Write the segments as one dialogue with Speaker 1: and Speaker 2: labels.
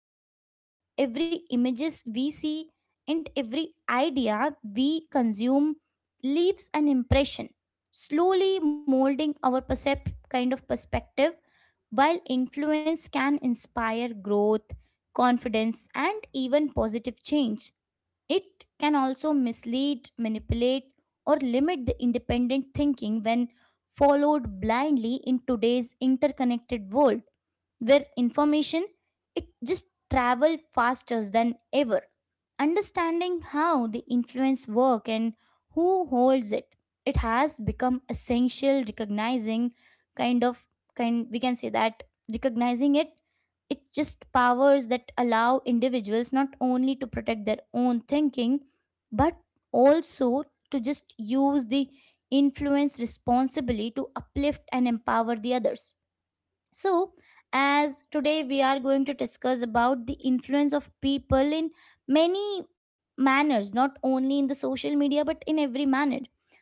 Speaker 1: we have, every images we see, and every idea we consume leaves an impression, slowly molding our kind of perspective. While influence can inspire growth, confidence, and even positive change, it can also mislead, manipulate, or limit the independent thinking when followed blindly. In today's interconnected world, where information it just travel faster than ever, understanding how the influence work and who holds it, it has become essential. Recognizing kind of kind we can say that, recognizing it, it just powers that allow individuals not only to protect their own thinking, but also to just use the influence responsibly to uplift and empower the others. So, as today we are going to discuss about the influence of people in many manners, not only in the social media but in every manner.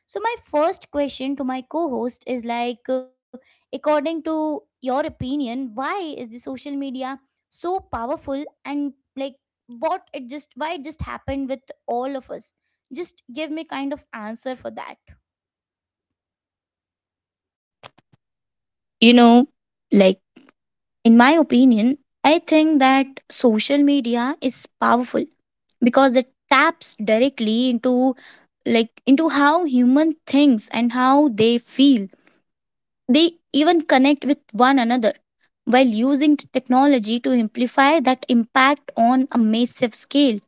Speaker 1: So, my first question to my co host is like, according to your opinion, why is the social media so powerful, and like what it just why it just happened with all of us? Just give me kind of answer for that,
Speaker 2: You know, like in my opinion, I think that social media is powerful because it taps directly into into how human thinks and how they feel. They even connect with one another while using technology to amplify that impact on a massive scale.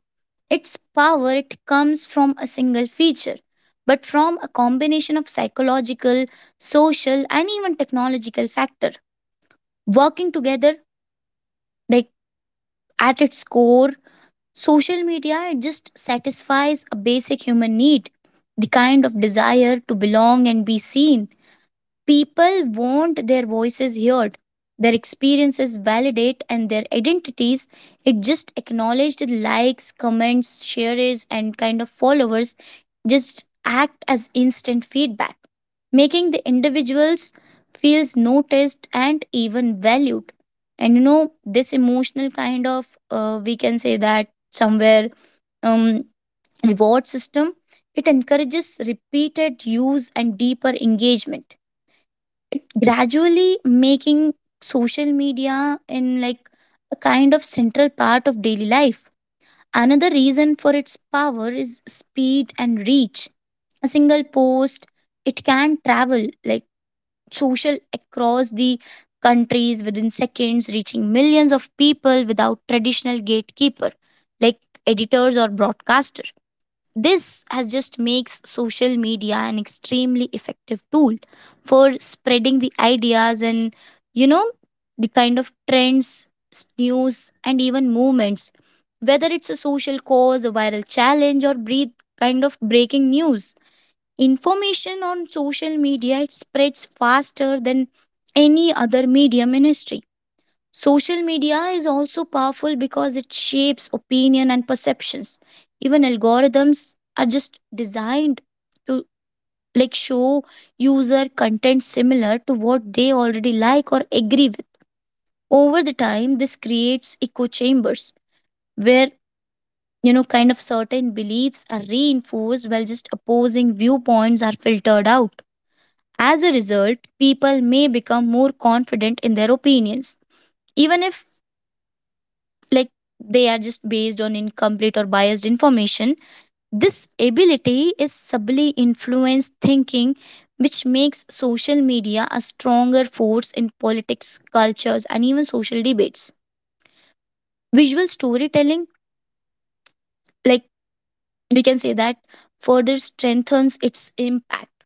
Speaker 2: Its power it comes from a single feature, but from a combination of psychological, social and even technological factors working together, like at its core social media it just satisfies a basic human need, the kind of desire to belong and be seen. People want their voices heard, their experiences validate, and their identities it just acknowledged. Likes, comments, shares, and kind of followers just act as instant feedback, making the individuals feels noticed and even valued. And you know this emotional kind of we can say that somewhere um, reward system it encourages repeated use and deeper engagement, gradually making social media in a kind of central part of daily life. Another reason for its power is speed and reach. A single post, it can travel social across the countries within seconds, reaching millions of people without traditional gatekeeper, like editors or broadcaster. This has just makes social media an extremely effective tool for spreading the ideas and, you know, the kind of trends, news and even movements, whether it's a social cause, a viral challenge or breathe kind of breaking news. Information on social media it spreads faster than any other medium in history. Social media is also powerful because it shapes opinion and perceptions. Even algorithms are just designed to show user content similar to what they already like or agree with. Over the time, this creates echo chambers where, you know, kind of certain beliefs are reinforced while just opposing viewpoints are filtered out. As a result, people may become more confident in their opinions even if like they are just based on incomplete or biased information. This ability is subtly influenced thinking, which makes social media a stronger force in politics, cultures, and even social debates. Visual storytelling, like we can say that, further strengthens its impact.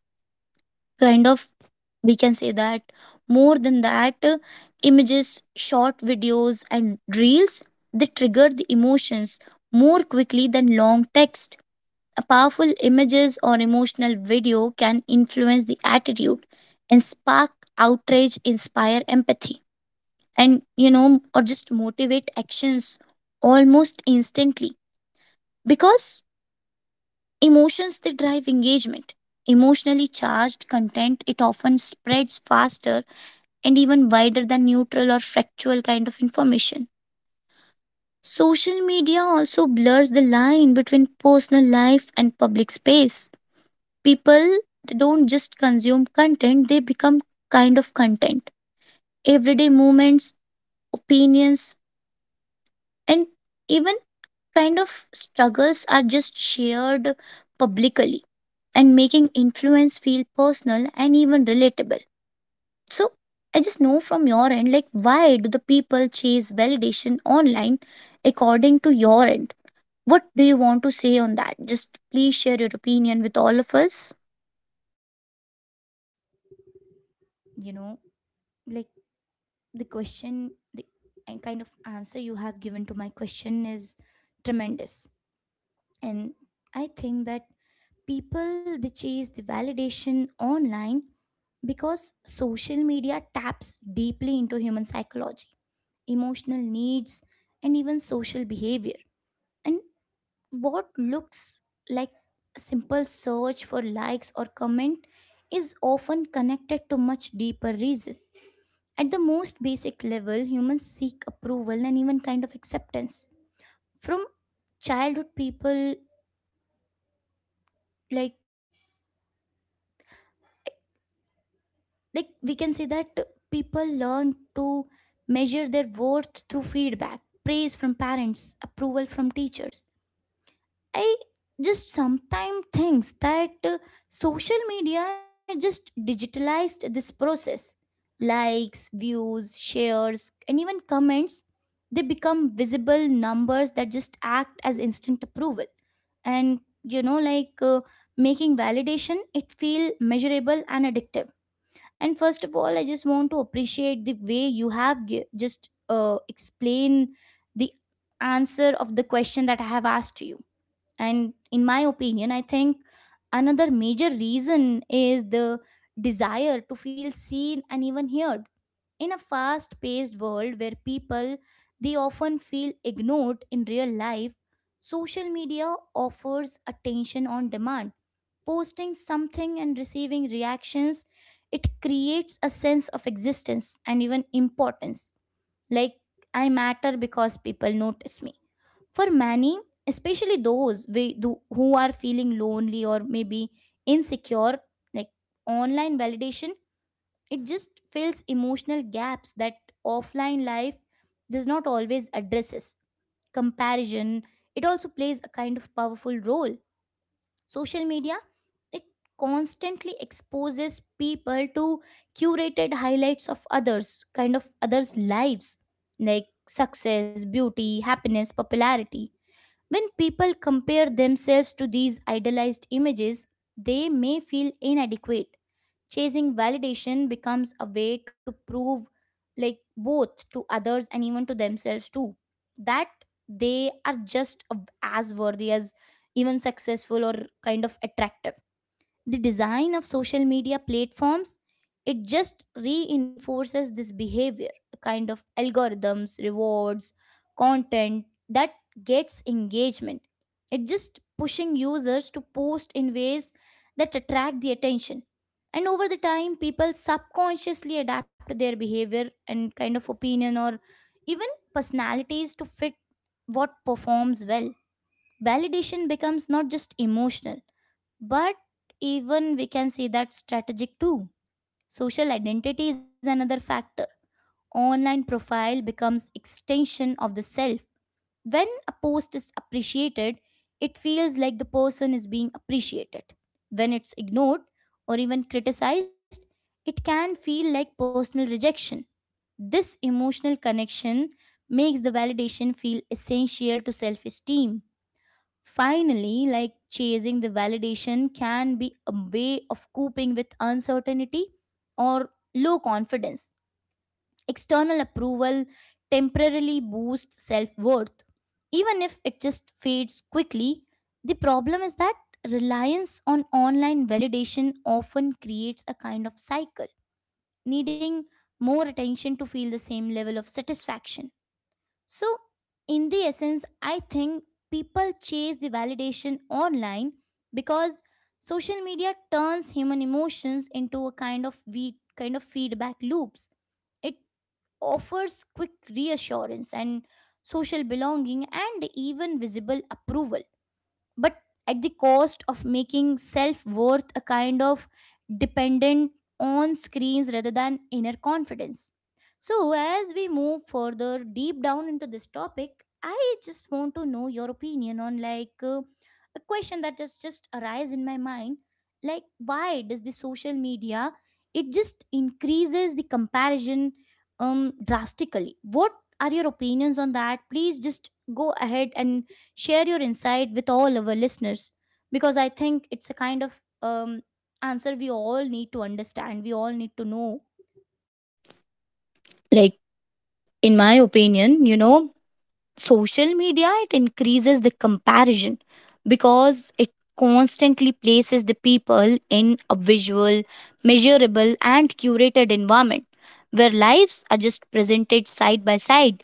Speaker 2: Kind of, we can say that more than that, images, short videos, and reels they trigger the emotions more quickly than long text. A powerful images or emotional video can influence the attitude and spark outrage, inspire empathy, and, you know, or just motivate actions almost instantly because emotions they drive engagement. Emotionally charged content it often spreads faster and even wider than neutral or factual kind of information. Social media also blurs the line between personal life and public space. People they don't just consume content, they become kind of content. Everyday movements, opinions, and even kind of struggles are just shared publicly, and making influence feel personal and even relatable. So I just know from your end, like, why do the people chase validation online? According to your end, what do you want to say on that? Just please share your opinion with all of us.
Speaker 1: you know, like the question the and kind of answer you have given to my question is tremendous, and I think that people they chase the validation online because social media taps deeply into human psychology, emotional needs, and even social behavior. And what looks like a simple search for likes or comment is often connected to much deeper reason. At the most basic level, humans seek approval and even kind of acceptance. From childhood people like we can say that people learn to measure their worth through feedback, praise from parents, approval from teachers. I just sometimes thinks that social media just digitalized this process. Likes, views, shares, and even comments, they become visible numbers that just act as instant approval. And making validation, it feel measurable and addictive. And first of all, I just want to appreciate the way you have gi- just explain the answer of the question that I have asked you. And in my opinion, I think another major reason is the desire to feel seen and even heard. In a fast paced world where people they often feel ignored in real life, social media offers attention on demand. Posting something and receiving reactions, it creates a sense of existence and even importance. Like I matter because people notice me. For many, especially those who are feeling lonely or maybe insecure, like online validation, it just fills emotional gaps that offline life does not always addresses. Comparison, it also plays a kind of powerful role. Social media, it constantly exposes people to curated highlights of others, kind of others' lives, like success, beauty, happiness, popularity. When people compare themselves to these idealized images, they may feel inadequate. Chasing validation becomes a way to prove, like, both to others and even to themselves, too, that they are just as worthy as, even successful, or kind of attractive. The design of social media platforms, it just reinforces this behavior. A kind of algorithms rewards content that gets engagement, it just pushing users to post in ways that attract the attention. And over the time, people subconsciously adapt their behavior and kind of opinion or even personalities to fit what performs well. Validation becomes not just emotional, but even we can see that strategic too. Social identity is another factor. Online profile becomes extension of the self. When a post is appreciated, it feels like the person is being appreciated. When it's ignored or even criticized, it can feel like personal rejection. This emotional connection makes the validation feel essential to self esteem. Finally, like chasing the validation can be a way of coping with uncertainty or low confidence. External approval temporarily boosts self worth, even if it just fades quickly. The problem is that reliance on online validation often creates a kind of cycle, needing more attention to feel the same level of satisfaction. So, in the essence, I think people chase the validation online because social media turns human emotions into a kind of we kind of feedback loops. It offers quick reassurance and social belonging and even visible approval, but at the cost of making self worth a kind of dependent on screens rather than inner confidence. So, as we move further deep down into this topic, I just want to know your opinion on like a question that has just arise in my mind, like why does the social media it just increases the comparison drastically. What are your opinions on that? Please just go ahead and share your insight with all our listeners, because I think it's a kind of answer we all need to understand. We all need to know.
Speaker 2: like in my opinion, you know, social media it increases the comparison because it constantly places the people in a visual, measurable, and curated environment where lives are just presented side by side.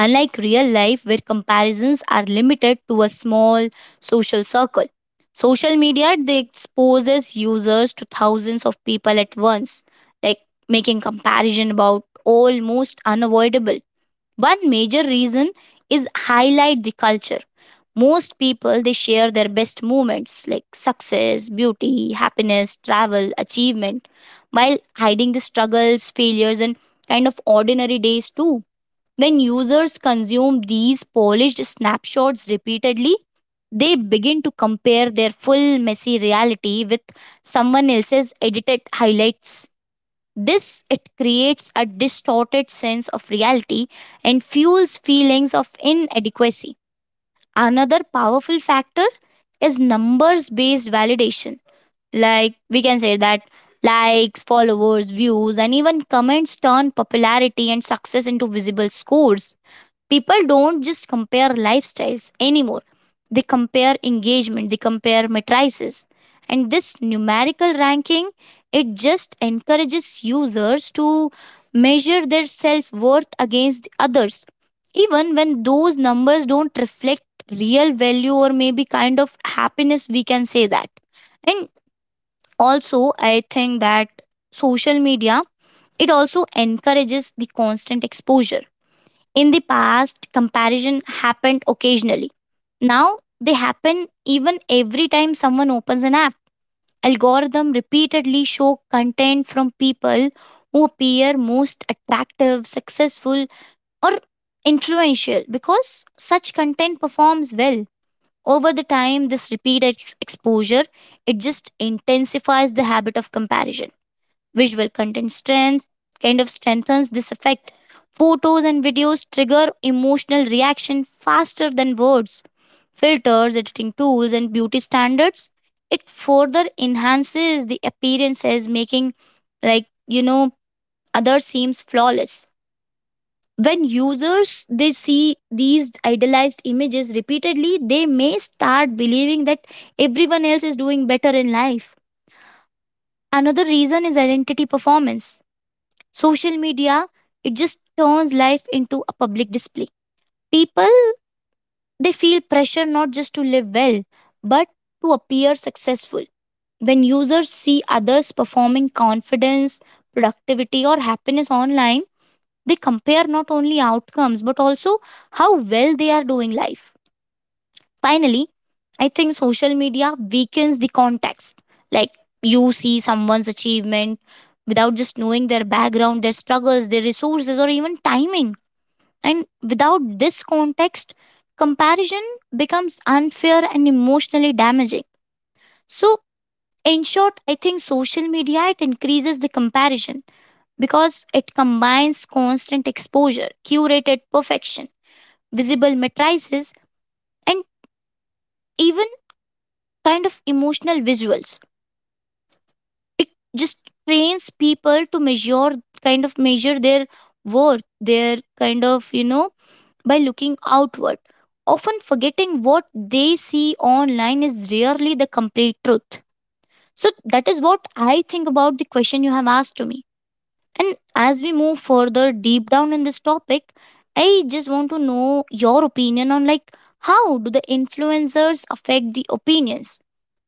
Speaker 2: Unlike real life, where comparisons are limited to a small social circle, social media they exposes users to thousands of people at once, like making comparison about almost unavoidable. One major reason is highlight the culture. Most people they share their best moments like success, beauty, happiness, travel, achievement, while hiding the struggles, failures, and kind of ordinary days too. When users consume these polished snapshots repeatedly, they begin to compare their full messy reality with someone else's edited highlights. This it creates a distorted sense of reality and fuels feelings of inadequacy. Another powerful factor is numbers based validation. Like we can say that likes, followers, views, and even comments turn popularity and success into visible scores. People don't just compare lifestyles anymore, they compare engagement, they compare matrices. And this numerical ranking, it just encourages users to measure their self worth against others, even when those numbers don't reflect real value or maybe kind of happiness, we can say that. And also I think that social media it also encourages the constant exposure. In the past comparison happened occasionally, now they happen even every time someone opens an app. Algorithm repeatedly show content from people who appear most attractive, successful, or influential because such content performs well. Over the time this repeated exposure it just intensifies the habit of comparison. Visual content strength, kind of strengthens this effect. Photos and videos trigger emotional reaction faster than words. Filters, editing tools and beauty standards it further enhances the appearances, making, like you know other seems flawless. When users they see these idealized images repeatedly, they may start believing that everyone else is doing better in life. Another reason is identity performance. Social media it just turns life into a public display. People they feel pressure not just to live well, but to appear successful. When users see others performing confidence, productivity or happiness online, they compare not only outcomes but also how well they are doing life. Finally, I think social media weakens the context. Like you see someone's achievement without just knowing their background, their struggles, their resources, or even timing. And without this context, comparison becomes unfair and emotionally damaging. So, in short, I think social media it increases the comparison because it combines constant exposure, curated perfection, visible matrices, and even kind of emotional visuals. Just trains people to measure, kind of measure their worth, their kind of, you know, by looking outward. Often forgetting what they see online is rarely the complete truth. So, that is what I think about the question you have asked to me. And as we move further deep down in this topic, I just want to know your opinion on like how do the influencers affect the opinions.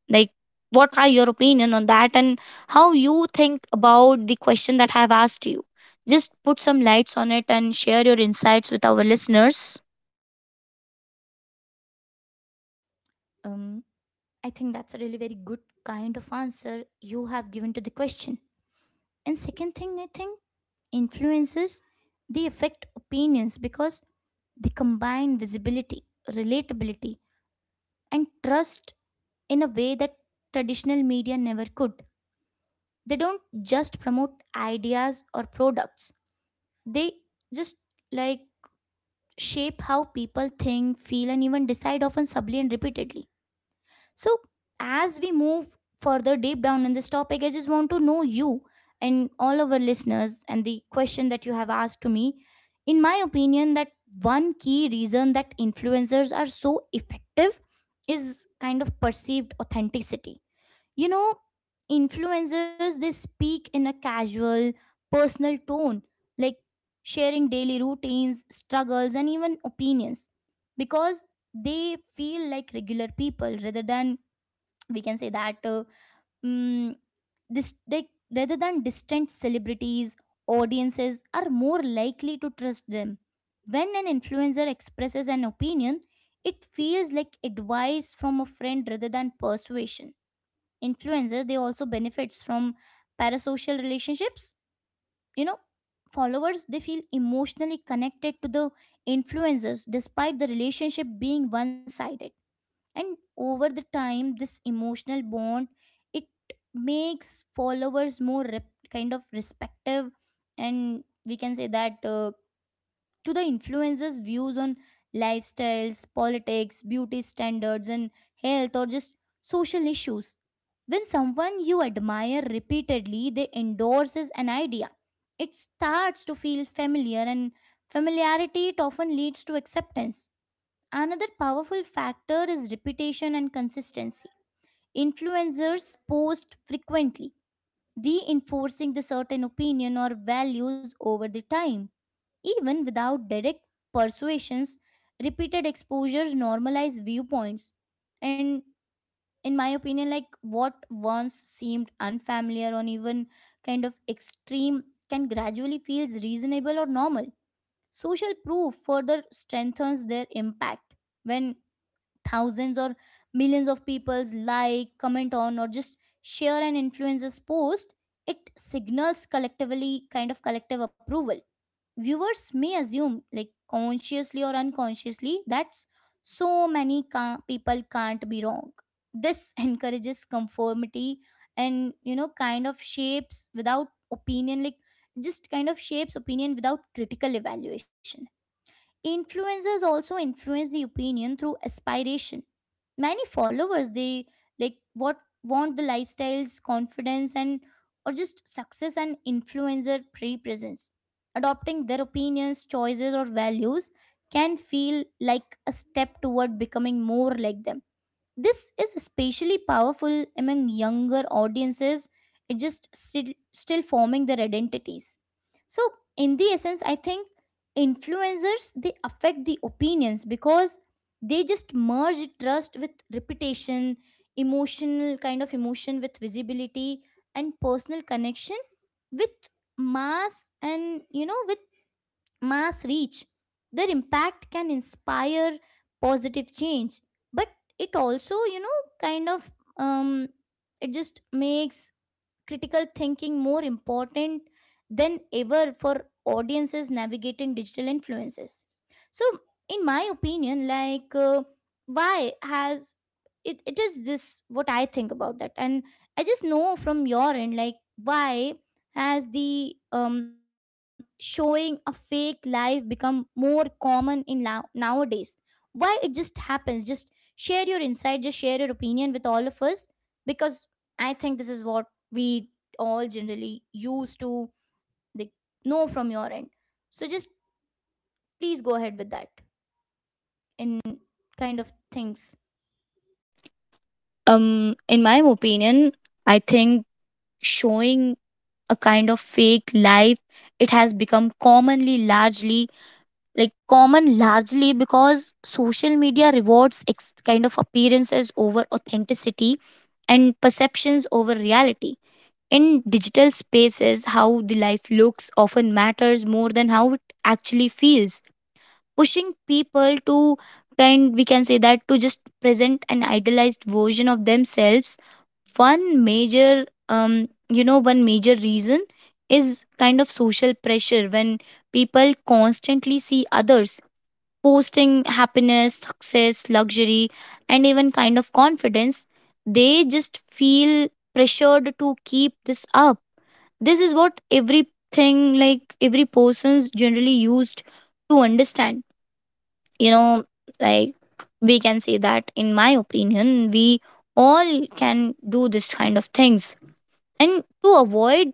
Speaker 2: Like, what are your opinion on that, and how you think about the question that I have asked you? Just put some lights on it and share your insights with our listeners.
Speaker 1: Um, I think that's a really very good kind of answer you have given to the question. And second thing, I think influences they affect opinions because they combine visibility, relatability, and trust in a way that traditional media never could. They don't just promote ideas or products, they just like shape how people think, feel, and even decide, often subtly and repeatedly. So, as we move further deep down in this topic, I just want to know you and all of our listeners and the question that you have asked to me. In my opinion, that one key reason that influencers are so effective is kind of perceived authenticity. You know, influencers they speak in a casual, personal tone, like sharing daily routines, struggles, and even opinions, because they feel like regular people, rather than we can say that mm, this like rather than distant celebrities. Audiences are more likely to trust them. When an influencer expresses an opinion, it feels like advice from a friend rather than persuasion. Influencers, they also benefits from parasocial relationships. You know followers they feel emotionally connected to the influencers despite the relationship being one sided. And over the time this emotional bond, it makes followers more kind of respective, and we can say that to the influencers' views on lifestyles, politics, beauty standards, and health or just social issues. When someone you admire repeatedly, they endorses an idea. It starts to feel familiar, and familiarity it often leads to acceptance. Another powerful factor is repetition and consistency. Influencers post frequently, reinforcing the certain opinion or values over the time. Even without direct persuasions, repeated exposures normalize viewpoints. And in my opinion, like what once seemed unfamiliar or even kind of extreme can gradually feels reasonable or normal. Social proof further strengthens their impact. When thousands or millions of people's like, comment on, or just share an influencer's post, it signals collectively kind of collective approval. Viewers may assume, like consciously or unconsciously, that so many people can't be wrong. This encourages conformity, and kind of shapes without opinion like just kind of shapes opinion without critical evaluation. Influencers also influence the opinion through aspiration. Many followers they like what want the lifestyles, confidence, and or just success and influencer represents. Adopting their opinions, choices, or values can feel like a step toward becoming more like them. This is especially powerful among younger audiences, it just still forming their identities. So, in the essence, I think influencers they affect the opinions because they just merge trust with reputation, emotional emotion with visibility, and personal connection with mass and you know with mass reach. Their impact can inspire positive change, but it also, you know, kind of um, it just makes critical thinking more important than ever for audiences navigating digital influences. So in my opinion, why has it is this what I think about that. And I just know from your end, like, why has the showing a fake life become more common nowadays? Why it just happens? Just share your insight, just share your opinion with all of us, because I think this is what we all generally used to, they know from your end. So just please go ahead with that in kind of things.
Speaker 2: In my opinion, I think showing a kind of fake life it has become commonly largely common largely because social media rewards kind of appearances over authenticity and perceptions over reality. In digital spaces, how the life looks often matters more than how it actually feels, pushing people to kind, we can say that, to just present an idealized version of themselves. One major, you know, one major reason is kind of social pressure. When people constantly see others posting happiness, success, luxury, and even kind of confidence, they just feel pressured to keep this up. This is what everything like every person's generally used to understand. You know, like we can say that in my opinion, we all can do this kind of things. And to avoid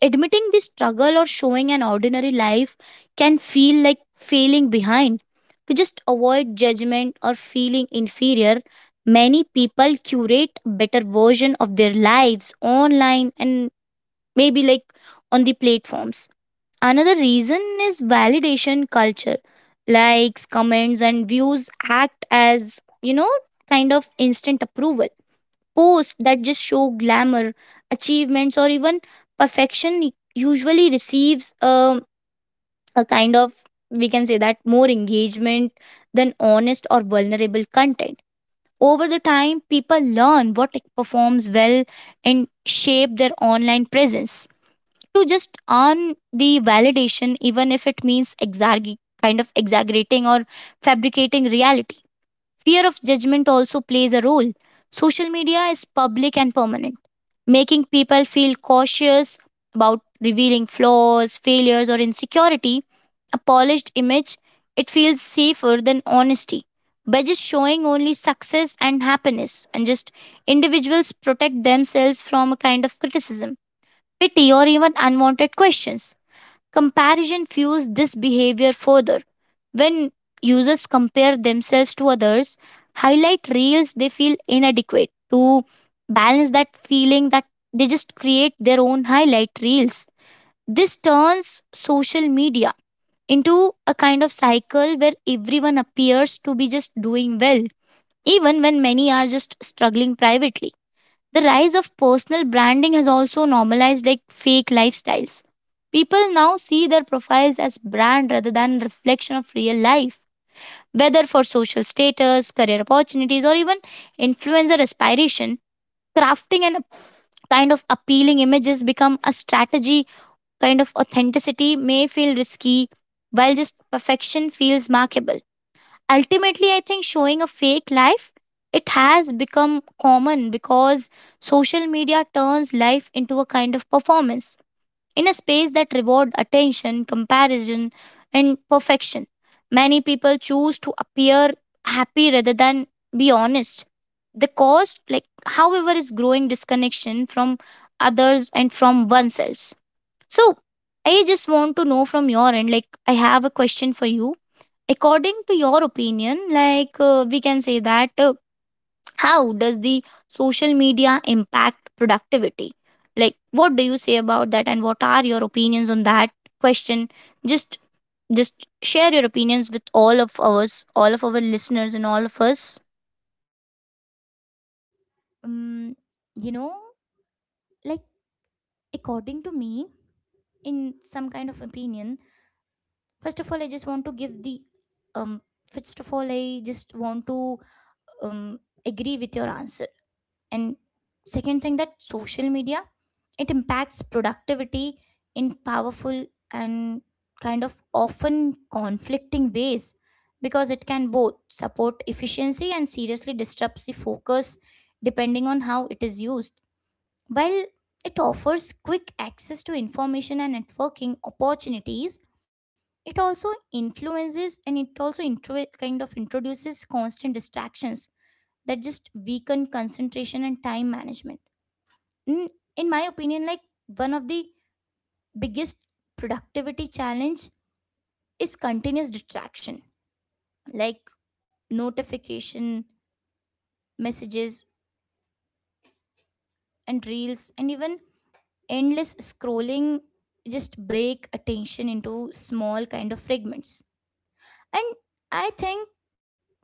Speaker 2: admitting this struggle or showing an ordinary life can feel like failing behind. To just avoid judgment or feeling inferior, many people curate better version of their lives online and maybe on the platforms. Another reason is validation culture. Likes, comments, and views act as, you know, kind of instant approval. Posts that just show glamour, achievements, or even perfection usually receives a kind of, we can say that, more engagement than honest or vulnerable content. Over the time, people learn what performs well and shape their online presence to just earn the validation, even if it means kind of exaggerating or fabricating reality. Fear of judgment also plays a role. Social media is public and permanent, making people feel cautious about revealing flaws, failures, or insecurity. A polished image, it feels safer than honesty. By just showing only success and happiness, and just individuals protect themselves from a kind of criticism, pity, or even unwanted questions. Comparison fuels this behavior further. When users compare themselves to others, highlight reels they feel inadequate. To balance that feeling that they just create their own highlight reels. This turns social media into a kind of cycle where everyone appears to be just doing well, even when many are just struggling privately. The rise of personal branding has also normalized like fake lifestyles. People now see their profiles as brand rather than reflection of real life. Whether for social status, career opportunities, or even influencer aspiration, crafting and kind of appealing images become a strategy. Kind of authenticity may feel risky, while just perfection feels markable. Ultimately, I think showing a fake life it has become common because social media turns life into a kind of performance in a space that reward attention, comparison and perfection. Many people choose to appear happy rather than be honest. The cost, like, however is growing disconnection from others and from oneself. So I just want to know from your end, like, I have a question for you. According to your opinion, like we can say that how does the social media impact productivity? Like, what do you say about that, and what are your opinions on that question? Just, just share your opinions with all of us, all of our listeners, and all of us.
Speaker 1: um, you know, like, according to me, in some kind of opinion, first of all I just want to give the um, first of all I just want to um agree with your answer. And second thing, that social media, it impacts productivity in powerful and kind of often conflicting ways, because it can both support efficiency and seriously disrupts the focus depending on how it is used. While it offers quick access to information and networking opportunities, it also influences, and it also kind of introduces constant distractions that just weaken concentration and time management. In, in my opinion, like, one of the biggest productivity challenge is continuous distraction, like notification, messages and reels, and even endless scrolling just break attention into small kind of fragments. And I think,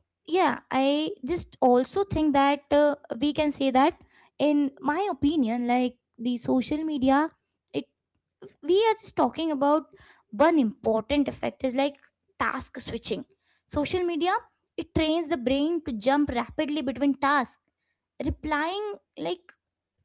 Speaker 1: yeah, I just also think that we can say that in my opinion, like, the social media, it, we are just talking about, one important effect is like task switching. Social media, it trains the brain to jump rapidly between tasks, replying, like,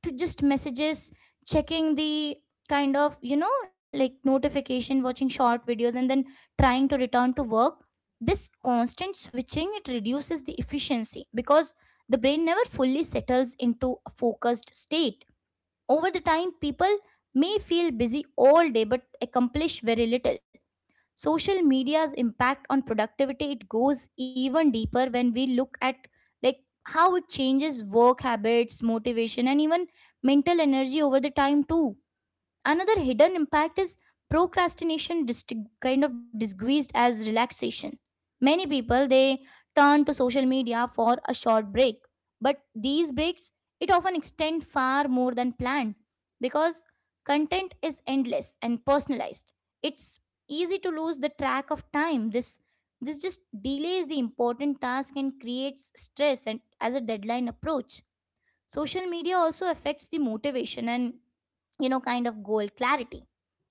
Speaker 1: to just messages, checking the kind of, you know, like, notification, watching short videos, and then trying to return to work. This constant switching, it reduces the efficiency because the brain never fully settles into a focused state. Over the time, people may feel busy all day but accomplish very little. Social media's impact on productivity, it goes even deeper when we look at, like, how it changes work habits, motivation and even mental energy over the time too. Another hidden impact is procrastination kind of disguised as relaxation. Many people, they turn to social media for a short break, but these breaks, it often extend far more than planned because content is endless and personalized. It's easy to lose the track of time. This just delays the important task and creates stress and as a deadline approach. Social media also affects the motivation and, you know, kind of goal clarity.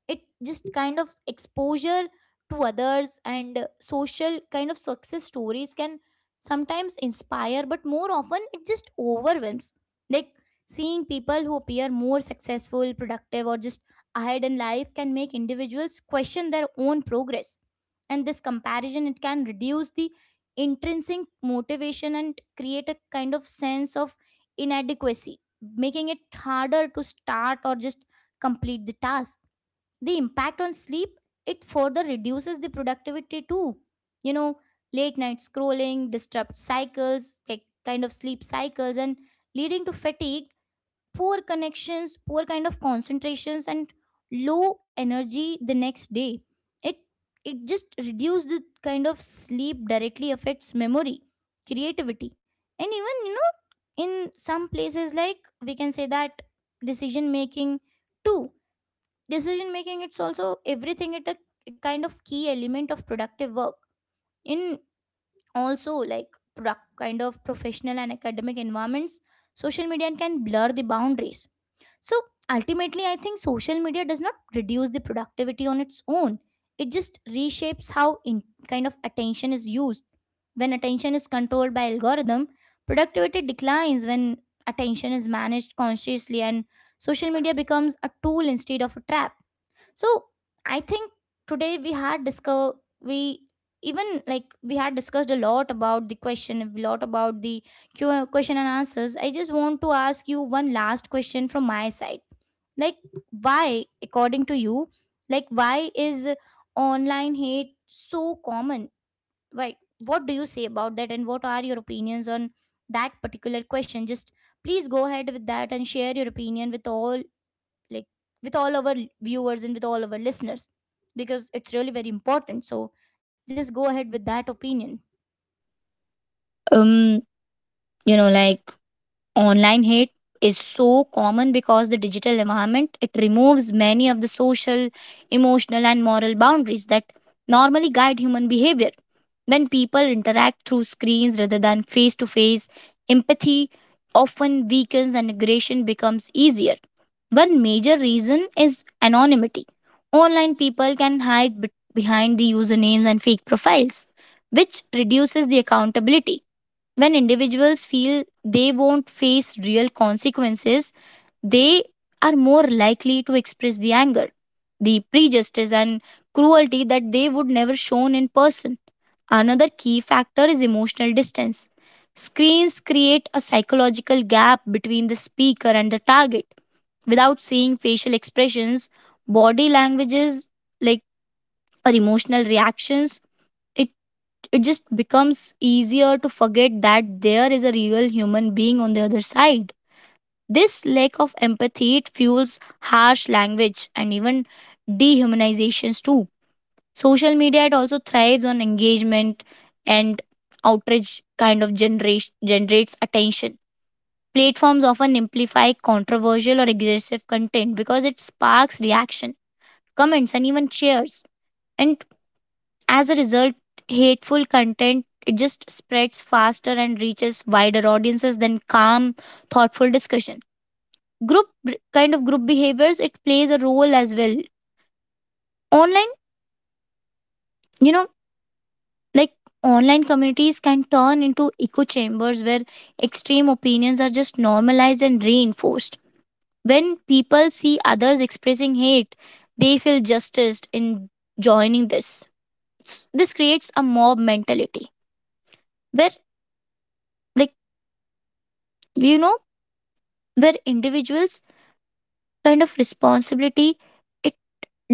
Speaker 1: It just kind of exposure to others, and social kind of success stories can sometimes inspire, but more often it just overwhelms. Like, seeing people who appear more successful, productive, or just ahead in life can make individuals question their own progress, and this comparison, it can reduce the intrinsic motivation and create a kind of sense of inadequacy, making it harder to start or just complete the task. The impact on sleep, it further reduces the productivity too. You know, late night scrolling disrupts cycles, like kind of sleep cycles, and leading to fatigue, poor connections, poor kind of concentrations and low energy the next day. It it just reduces the kind of sleep, directly affects memory, creativity, and even, you know, in some places, like, we can say that decision making too. Decision making, it's also everything, it a kind of key element of productive work in, also like, product kind of professional and academic environments. Social media can blur the boundaries. So ultimately, I think social media does not reduce the productivity on its own, it just reshapes how in kind of attention is used. When attention is controlled by algorithm, productivity declines. When attention is managed consciously and social media becomes a tool instead of a trap. So I think today we had discuss, we, even like, we had discussed a lot about the question, a lot about the Q question and answers. I just want to ask you one last question from my side. Like, why, according to you, like, why is online hate so common? Why? What do you say about that, and what are your opinions on that particular question? Just please go ahead with that and share your opinion with all, like, with all our viewers and with all our listeners, because it's really very important. So just go ahead with that opinion.
Speaker 2: Um, you know, online hate is so common because the digital environment it removes many of the social, emotional and moral boundaries that normally guide human behavior. When people interact through screens rather than face to face, empathy often weakens and aggression becomes easier. One major reason is anonymity. Online people can hide behind the usernames and fake profiles, which reduces the accountability. When individuals feel they won't face real consequences, they are more likely to express the anger, the prejudice, and cruelty that they would never shown in person. Another key factor is emotional distance. Screens create a psychological gap between the speaker and the target. Without seeing facial expressions, body languages, like or emotional reactions, it it just becomes easier to forget that there is a real human being on the other side. This lack of empathy it fuels harsh language and even dehumanizations too. Social media it also thrives on engagement and outrage kind of generates attention. Platforms often amplify controversial or aggressive content because it sparks reaction, comments, and even shares. And as a result, hateful content it just spreads faster and reaches wider audiences than calm, thoughtful discussion. Group kind of group behaviors it plays a role as well. Online, you know, like online communities can turn into echo chambers where extreme opinions are just normalized and reinforced. When people see others expressing hate, they feel justified in joining this. This creates a mob mentality where, like, you know, where individuals kind of responsibility it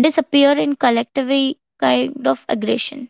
Speaker 2: disappear in collectively kind of aggression